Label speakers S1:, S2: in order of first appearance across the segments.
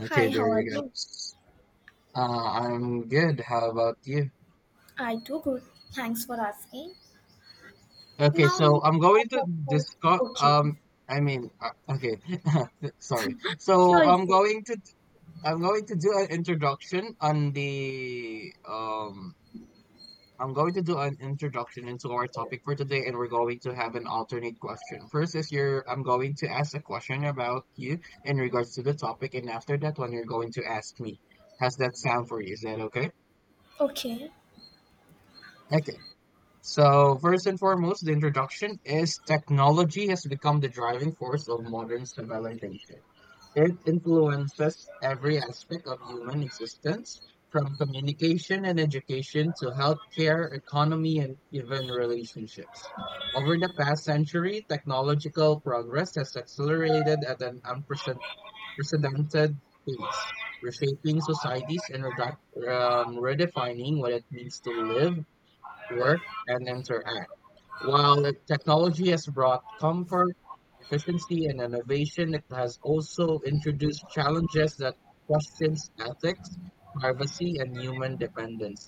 S1: Okay,
S2: Hi, how
S1: there
S2: are
S1: you go.
S2: you?
S1: I'm good. How about you?
S2: I do good. Thanks for asking.
S1: Okay,
S2: Now
S1: so
S2: let's
S1: I'm going
S2: talk
S1: to
S2: about
S1: discuss.
S2: okay.
S1: I mean, uh, okay, sorry. So
S2: Sure, it's
S1: I'm
S2: good.
S1: going to I'm going to do an introduction on the. I'm going to do an introduction into our topic for today, and we're going to have an alternate question. First is your I'm going to ask a question about you in regards to the topic, and after that one, you're going to ask me. How's that sound for you? Is that okay?
S2: Okay.
S1: Okay. So, first and foremost, the introduction is technology has become the driving force of modern civilization. It influences every aspect of human existence, from communication and education to healthcare, economy, and even relationships. Over the past century, technological progress has accelerated at an unprecedented pace, reshaping societies and redefining what it means to live work, and interact. While the technology has brought comfort, efficiency, and innovation, it has also introduced challenges that questions ethics, privacy, and human dependence.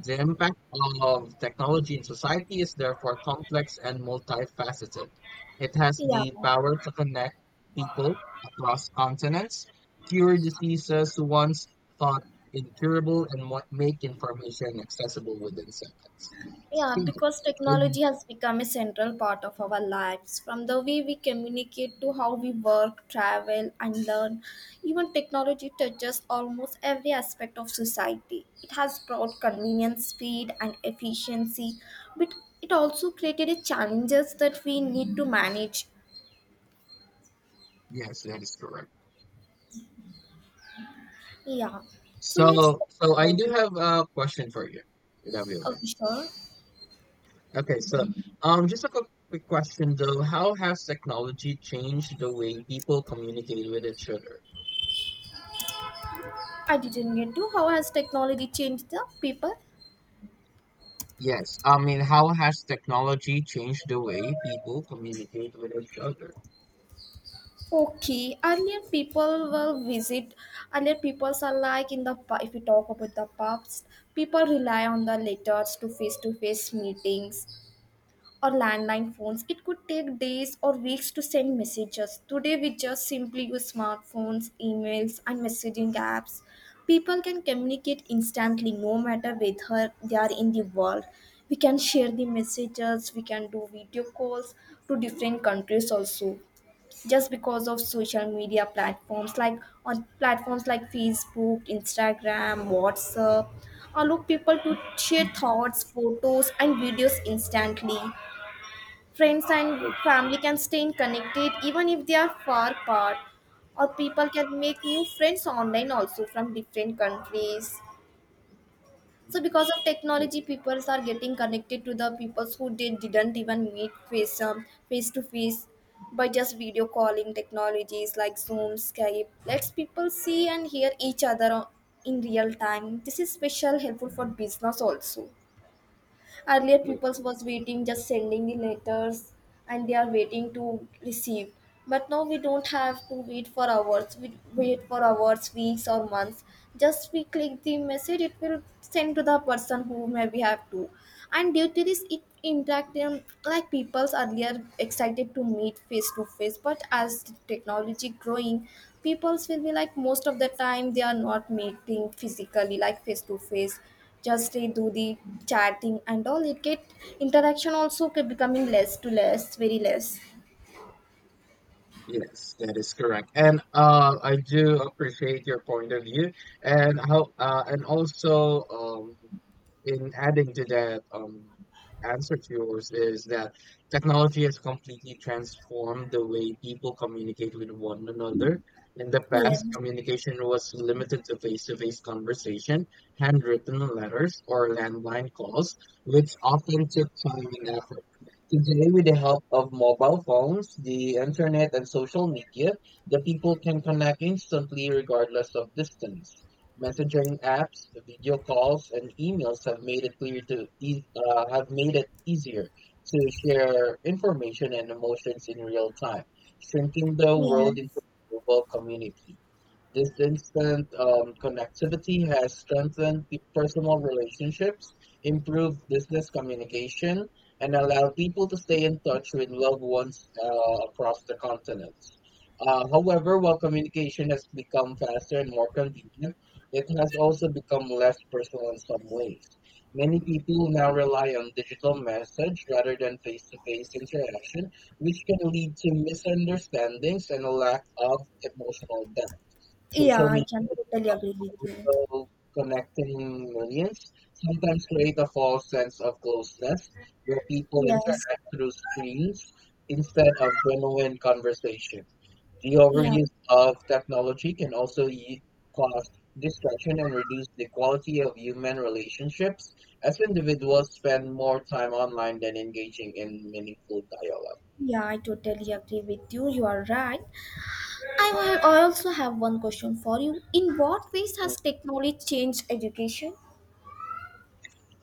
S1: The impact of technology in society is therefore complex and multifaceted. It has
S2: Yeah.
S1: the power to connect people across continents, cure diseases once thought incurable, and make information accessible within seconds.
S2: Yeah,
S1: So,
S2: because
S1: I,
S2: technology has become a central part of our lives. From the way we communicate to how we work, travel, and learn, even technology touches almost every aspect of society. It has brought convenience, speed, and efficiency, but it also created a challenges that we need to manage.
S1: yes, that is correct.
S2: Yeah. So let's
S1: So,
S2: talk
S1: so I
S2: about
S1: do
S2: this.
S1: have a question for you, W.
S2: Okay,
S1: M.
S2: sure.
S1: Okay, so just a quick question though. How has technology changed the way people communicate with each other?
S2: I didn't get to. How has technology changed the people?
S1: Yes, I mean, how has technology changed the way people communicate with each other?
S2: Okay, earlier people will visit. Earlier people are like in if we talk about the past, people rely on the letters to face meetings, or landline phones. It could take days or weeks to send messages. Today, we just simply use smartphones, emails, and messaging apps. People can communicate instantly no matter whether they are in the world. We can share the messages, we can do video calls to different countries also. Just because of social media platforms like on platforms like Facebook, Instagram, WhatsApp, allow people to share thoughts, photos, and videos instantly. Friends and
S1: Like,
S2: family can stay connected even if they are far apart, or people can make new friends online also from different countries. So,
S1: mhm,
S2: because of technology,
S1: yes,
S2: people are getting connected to the people who they didn't even meet face to face by just video calling technologies like Zoom, Skype. Let's people see and hear in real time. This is special helpful for business also. Earlier,
S1: yes.
S2: peoples was waiting, just sending the letters, and they are waiting to receive. But now we don't have to wait for hours. We wait for hours, weeks, or months. Just we click the message, it will send to the person who maybe have to. And due to this, it interact them like people's earlier excited to meet face to face. But as the technology growing, people's will be like most of the time they are not meeting physically, like face to face, just they do the chatting and all it get interaction also becoming less to less very less.
S1: Yes, that is correct. And I do appreciate your point of view and how and also in adding to that answer to yours is that technology has completely transformed the way people communicate with one another. In the past,
S2: Yes.
S1: communication was limited to face-to-face conversation, handwritten letters, or landline calls, which often took time and effort. Today, with the help of mobile phones, the internet, and social media, the people can connect instantly regardless of distance. Messaging apps, video calls, and emails have made it clear to e- have made it easier to share information and emotions in real time, shrinking the world into
S2: Yes.
S1: a global community. This instant connectivity has strengthened personal relationships, improved business communication, and allowed people to stay in touch with loved ones across the continent. However, while communication has become faster and more convenient, it has also become less personal in some ways. Many people now rely on digital message rather than face to face interaction, which can lead to misunderstandings and a lack of emotional depth.
S2: Yeah,
S1: Social
S2: I can
S1: media
S2: totally agree with
S1: is
S2: you.
S1: also connecting millions, sometimes create a false sense of closeness where people
S2: Yes.
S1: interact through screens instead of genuine conversation. The
S2: Yeah.
S1: overuse of technology can also cause distraction and reduce the quality of human relationships as individuals spend more time online than engaging in meaningful dialogue.
S2: Yeah, I totally agree with you, you are right. I also have one question for you. In what ways has technology changed education?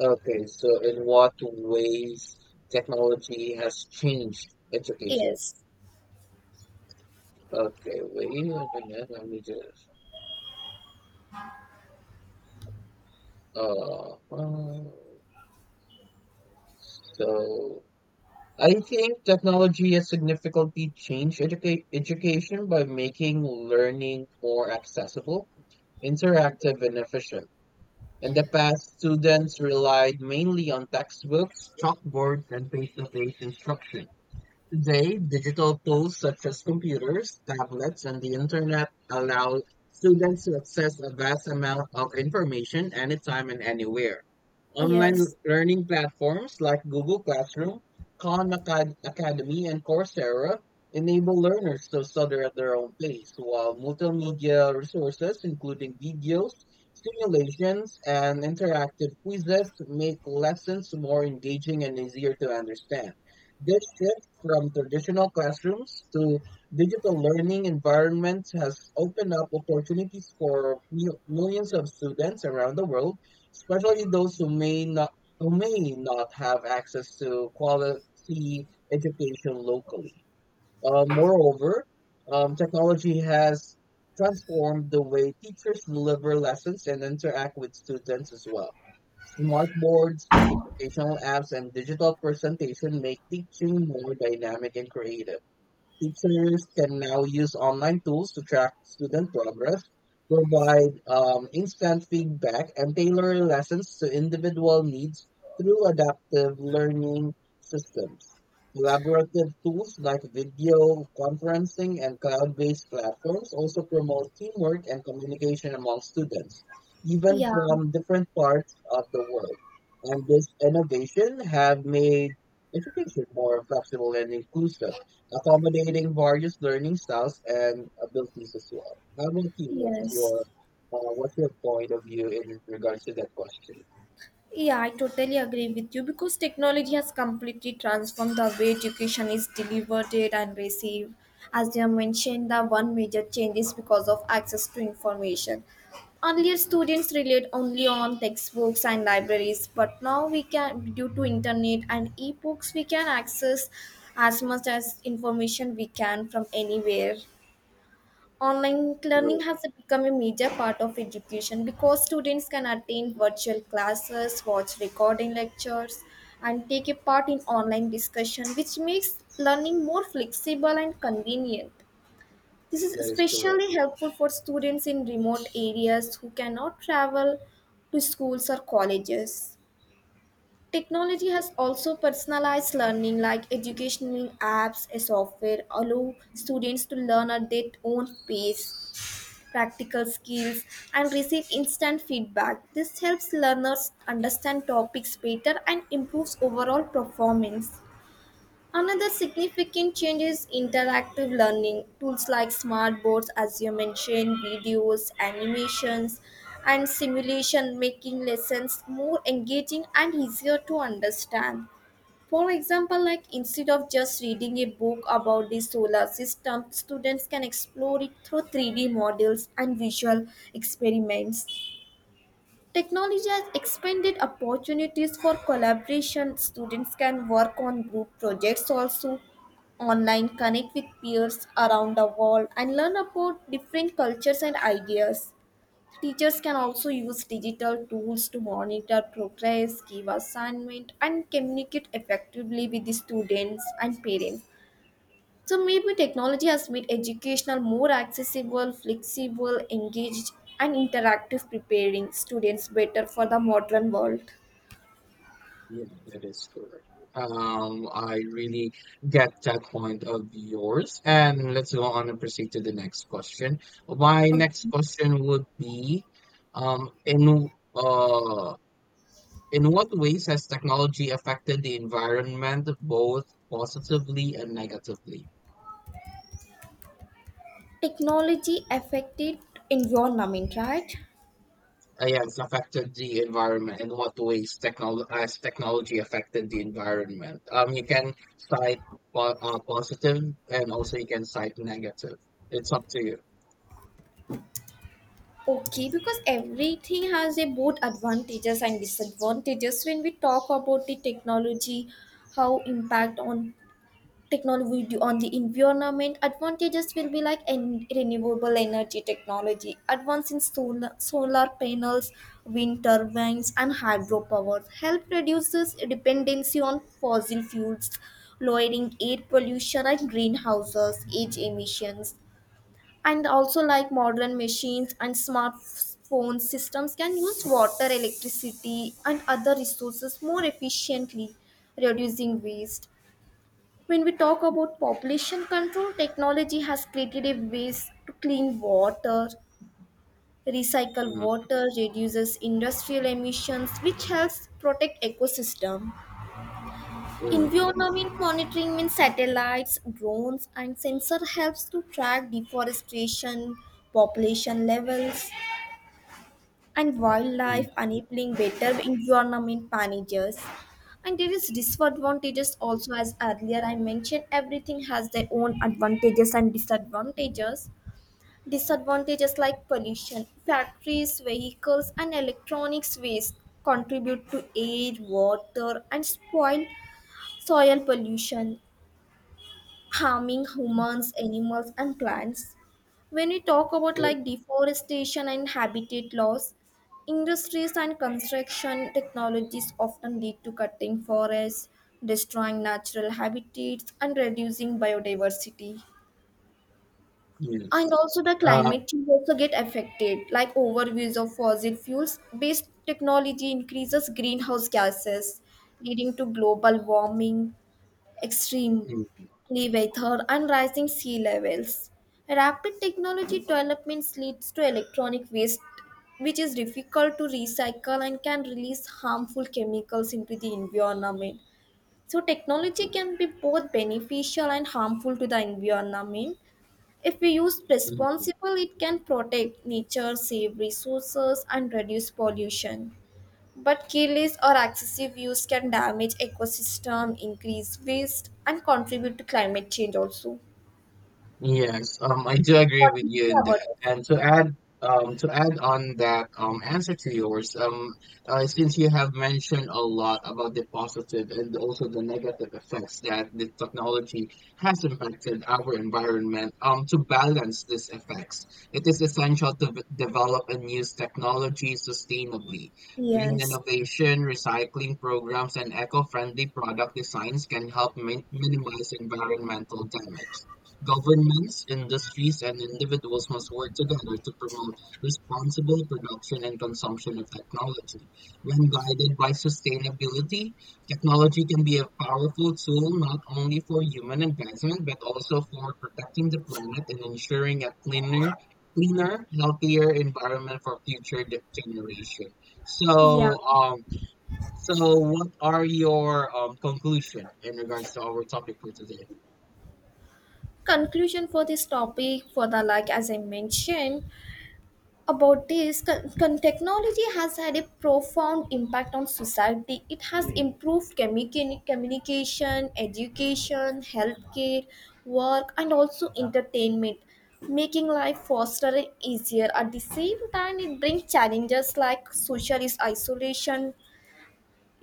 S1: Okay, so in what ways technology has changed education?
S2: Yes.
S1: Okay, wait a minute, let me just. Uh, uh, so I think technology has significantly changed education by making learning more accessible, interactive, and efficient. In the past, students relied mainly on textbooks, chalkboards, and face-to-face instruction. Today, digital tools such as computers, tablets, and the internet allow students to access a vast amount of information anytime and anywhere. Online
S2: Yes.
S1: learning platforms like Google Classroom, Academy, and Coursera enable learners to study at their own pace, while multimedia resources, including videos, simulations, and interactive quizzes, make lessons more engaging and easier to understand. This shift from traditional classrooms to digital learning environments has opened up opportunities for millions of students around the world, especially those who may not have access to quality education locally. Moreover, technology has transformed the way teachers deliver lessons and interact with students as well. Smart boards, educational apps, and digital presentation make teaching more dynamic and creative. Teachers can now use online tools to track student progress, provide instant feedback, and tailor lessons to individual needs through adaptive learning systems. Collaborative tools like video conferencing and cloud based platforms also promote teamwork and communication among students, even
S2: Yeah.
S1: from different parts of the world. And this innovation have made education more flexible and inclusive accommodating various learning styles and abilities as well. How about you?
S2: Yes.
S1: What's your point of view in regards to that question?
S2: Yeah, I totally agree with you because technology has completely transformed the way education is delivered and received. As you have mentioned, the one major change is because of access to information. Earlier, students relied only on textbooks and libraries, but now we can, due to internet and e-books, we can access as much as information we can from anywhere. Online learning
S1: True.
S2: has become a major part of education because students can attend virtual classes, watch recording lectures, and take a part in online discussion, which makes learning more flexible and convenient. This is
S1: That is correct.
S2: especially helpful for students in remote areas who cannot travel to schools or colleges. Technology has also personalized learning, like educational apps and software, allow students to learn at their own pace practical skills, and receive instant feedback. This helps learners understand topics better and improves overall performance. Another significant change is interactive learning. Tools like smart boards, as you mentioned, videos, animations, and simulation making lessons more engaging and easier to understand. For example, like instead of just reading a book about the solar system, students can explore it through 3D models and visual experiments. Technology has expanded opportunities for collaboration. Students can work on group projects also online, connect with peers around the world, and learn about different cultures and ideas. Teachers can also use digital tools to monitor progress, give assignment, and communicate effectively with the students and parents. So maybe technology has made educational more accessible, flexible, engaged, and interactive, preparing students better for the modern world.
S1: Yeah, that is correct. I really get that point of yours. And let's go on and proceed to the next question. My next
S2: Okay.
S1: question would be, um, in uh, in what ways has technology affected the environment both positively and negatively?
S2: Technology affected environment, right?
S1: Yeah, it's affected the environment in what ways technology affected the environment? You can cite positive and also you can cite negative. It's up to you.
S2: Okay, because everything has a both advantages and disadvantages. When we talk about the technology, how impact on technology on the environment, advantages will be like renewable energy technology, advance in solar panels, wind turbines, and hydropower help reduces dependency on fossil fuels, lowering air pollution and greenhouses, age emissions. And also like modern machines and smartphone systems can use water electricity and other resources more efficiently, reducing waste. When we talk about population control, technology has created a ways to clean water, recycle
S1: Mm,
S2: water, reduces industrial emissions, which helps protect ecosystem.
S1: mm,
S2: Environment monitoring means satellites, drones, and sensor helps to track deforestation, population levels, and
S1: mm,
S2: wildlife, enabling better environment managers. And there is disadvantages also. As earlier I mentioned, everything has their own advantages and disadvantages. Disadvantages like pollution, factories, vehicles, and electronics waste contribute to air, water, and spoil soil pollution, harming humans, animals, and plants. When we talk about
S1: mm,
S2: like deforestation and habitat loss, industries and construction technologies often lead to cutting forests, destroying natural habitats, and reducing biodiversity. And
S1: yes.
S2: also the
S1: Uh,
S2: climate change also get affected, like overuse of fossil fuels based technology increases greenhouse gases, leading to global warming, extremely
S1: mm,
S2: weather, and rising sea levels. Rapid technology developments leads to electronic waste, which is difficult to recycle and can release harmful chemicals into the environment. So technology can be both beneficial and harmful to the environment. If we use
S1: mm, mm.
S2: responsible, it can protect nature, save resources, and reduce pollution. But careless or excessive use can damage ecosystem, increase waste, and contribute to climate change also.
S1: Yes, I do agree
S2: What
S1: with
S2: do you
S1: you
S2: think
S1: in
S2: about
S1: that.
S2: this?
S1: To add on that, answer to yours, since you have mentioned a lot about the positive and also the negative effects that the technology has impacted our environment, to balance these effects, it is essential to develop and use technology sustainably. Green
S2: Yes.
S1: innovation, recycling programs, and eco-friendly product designs can help minimize environmental damage. Governments, industries, and individuals must work together to promote responsible production and consumption of technology. When guided by sustainability, technology can be a powerful tool not only for human advancement but also for protecting the planet and ensuring a cleaner, healthier environment for future generation.
S2: Yeah.
S1: So, um, so what are your conclusion in regards to our topic for today?
S2: Conclusion for this topic for the, like as I mentioned, about technology has had a profound impact on society. It has improved communication, education, healthcare, work, and also entertainment, making life faster and easier. At the same time, it brings challenges like social isolation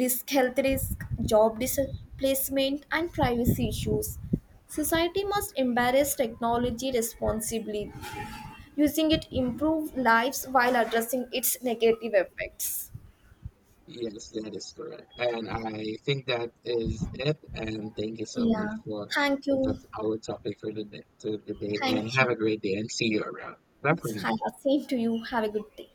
S2: risk, health risk, job displacement, and privacy issues. Society must embrace technology responsibly, using it improve lives while addressing its negative effects.
S1: Yes, that is correct. And I think that is it. And thank you so much
S2: Yeah.
S1: for
S2: Thank you.
S1: that's our topic for the day, to the day. And
S2: Thank
S1: have
S2: you.
S1: a great day and see you around. Bye for
S2: Hi,
S1: now.
S2: same to you. Have a good day.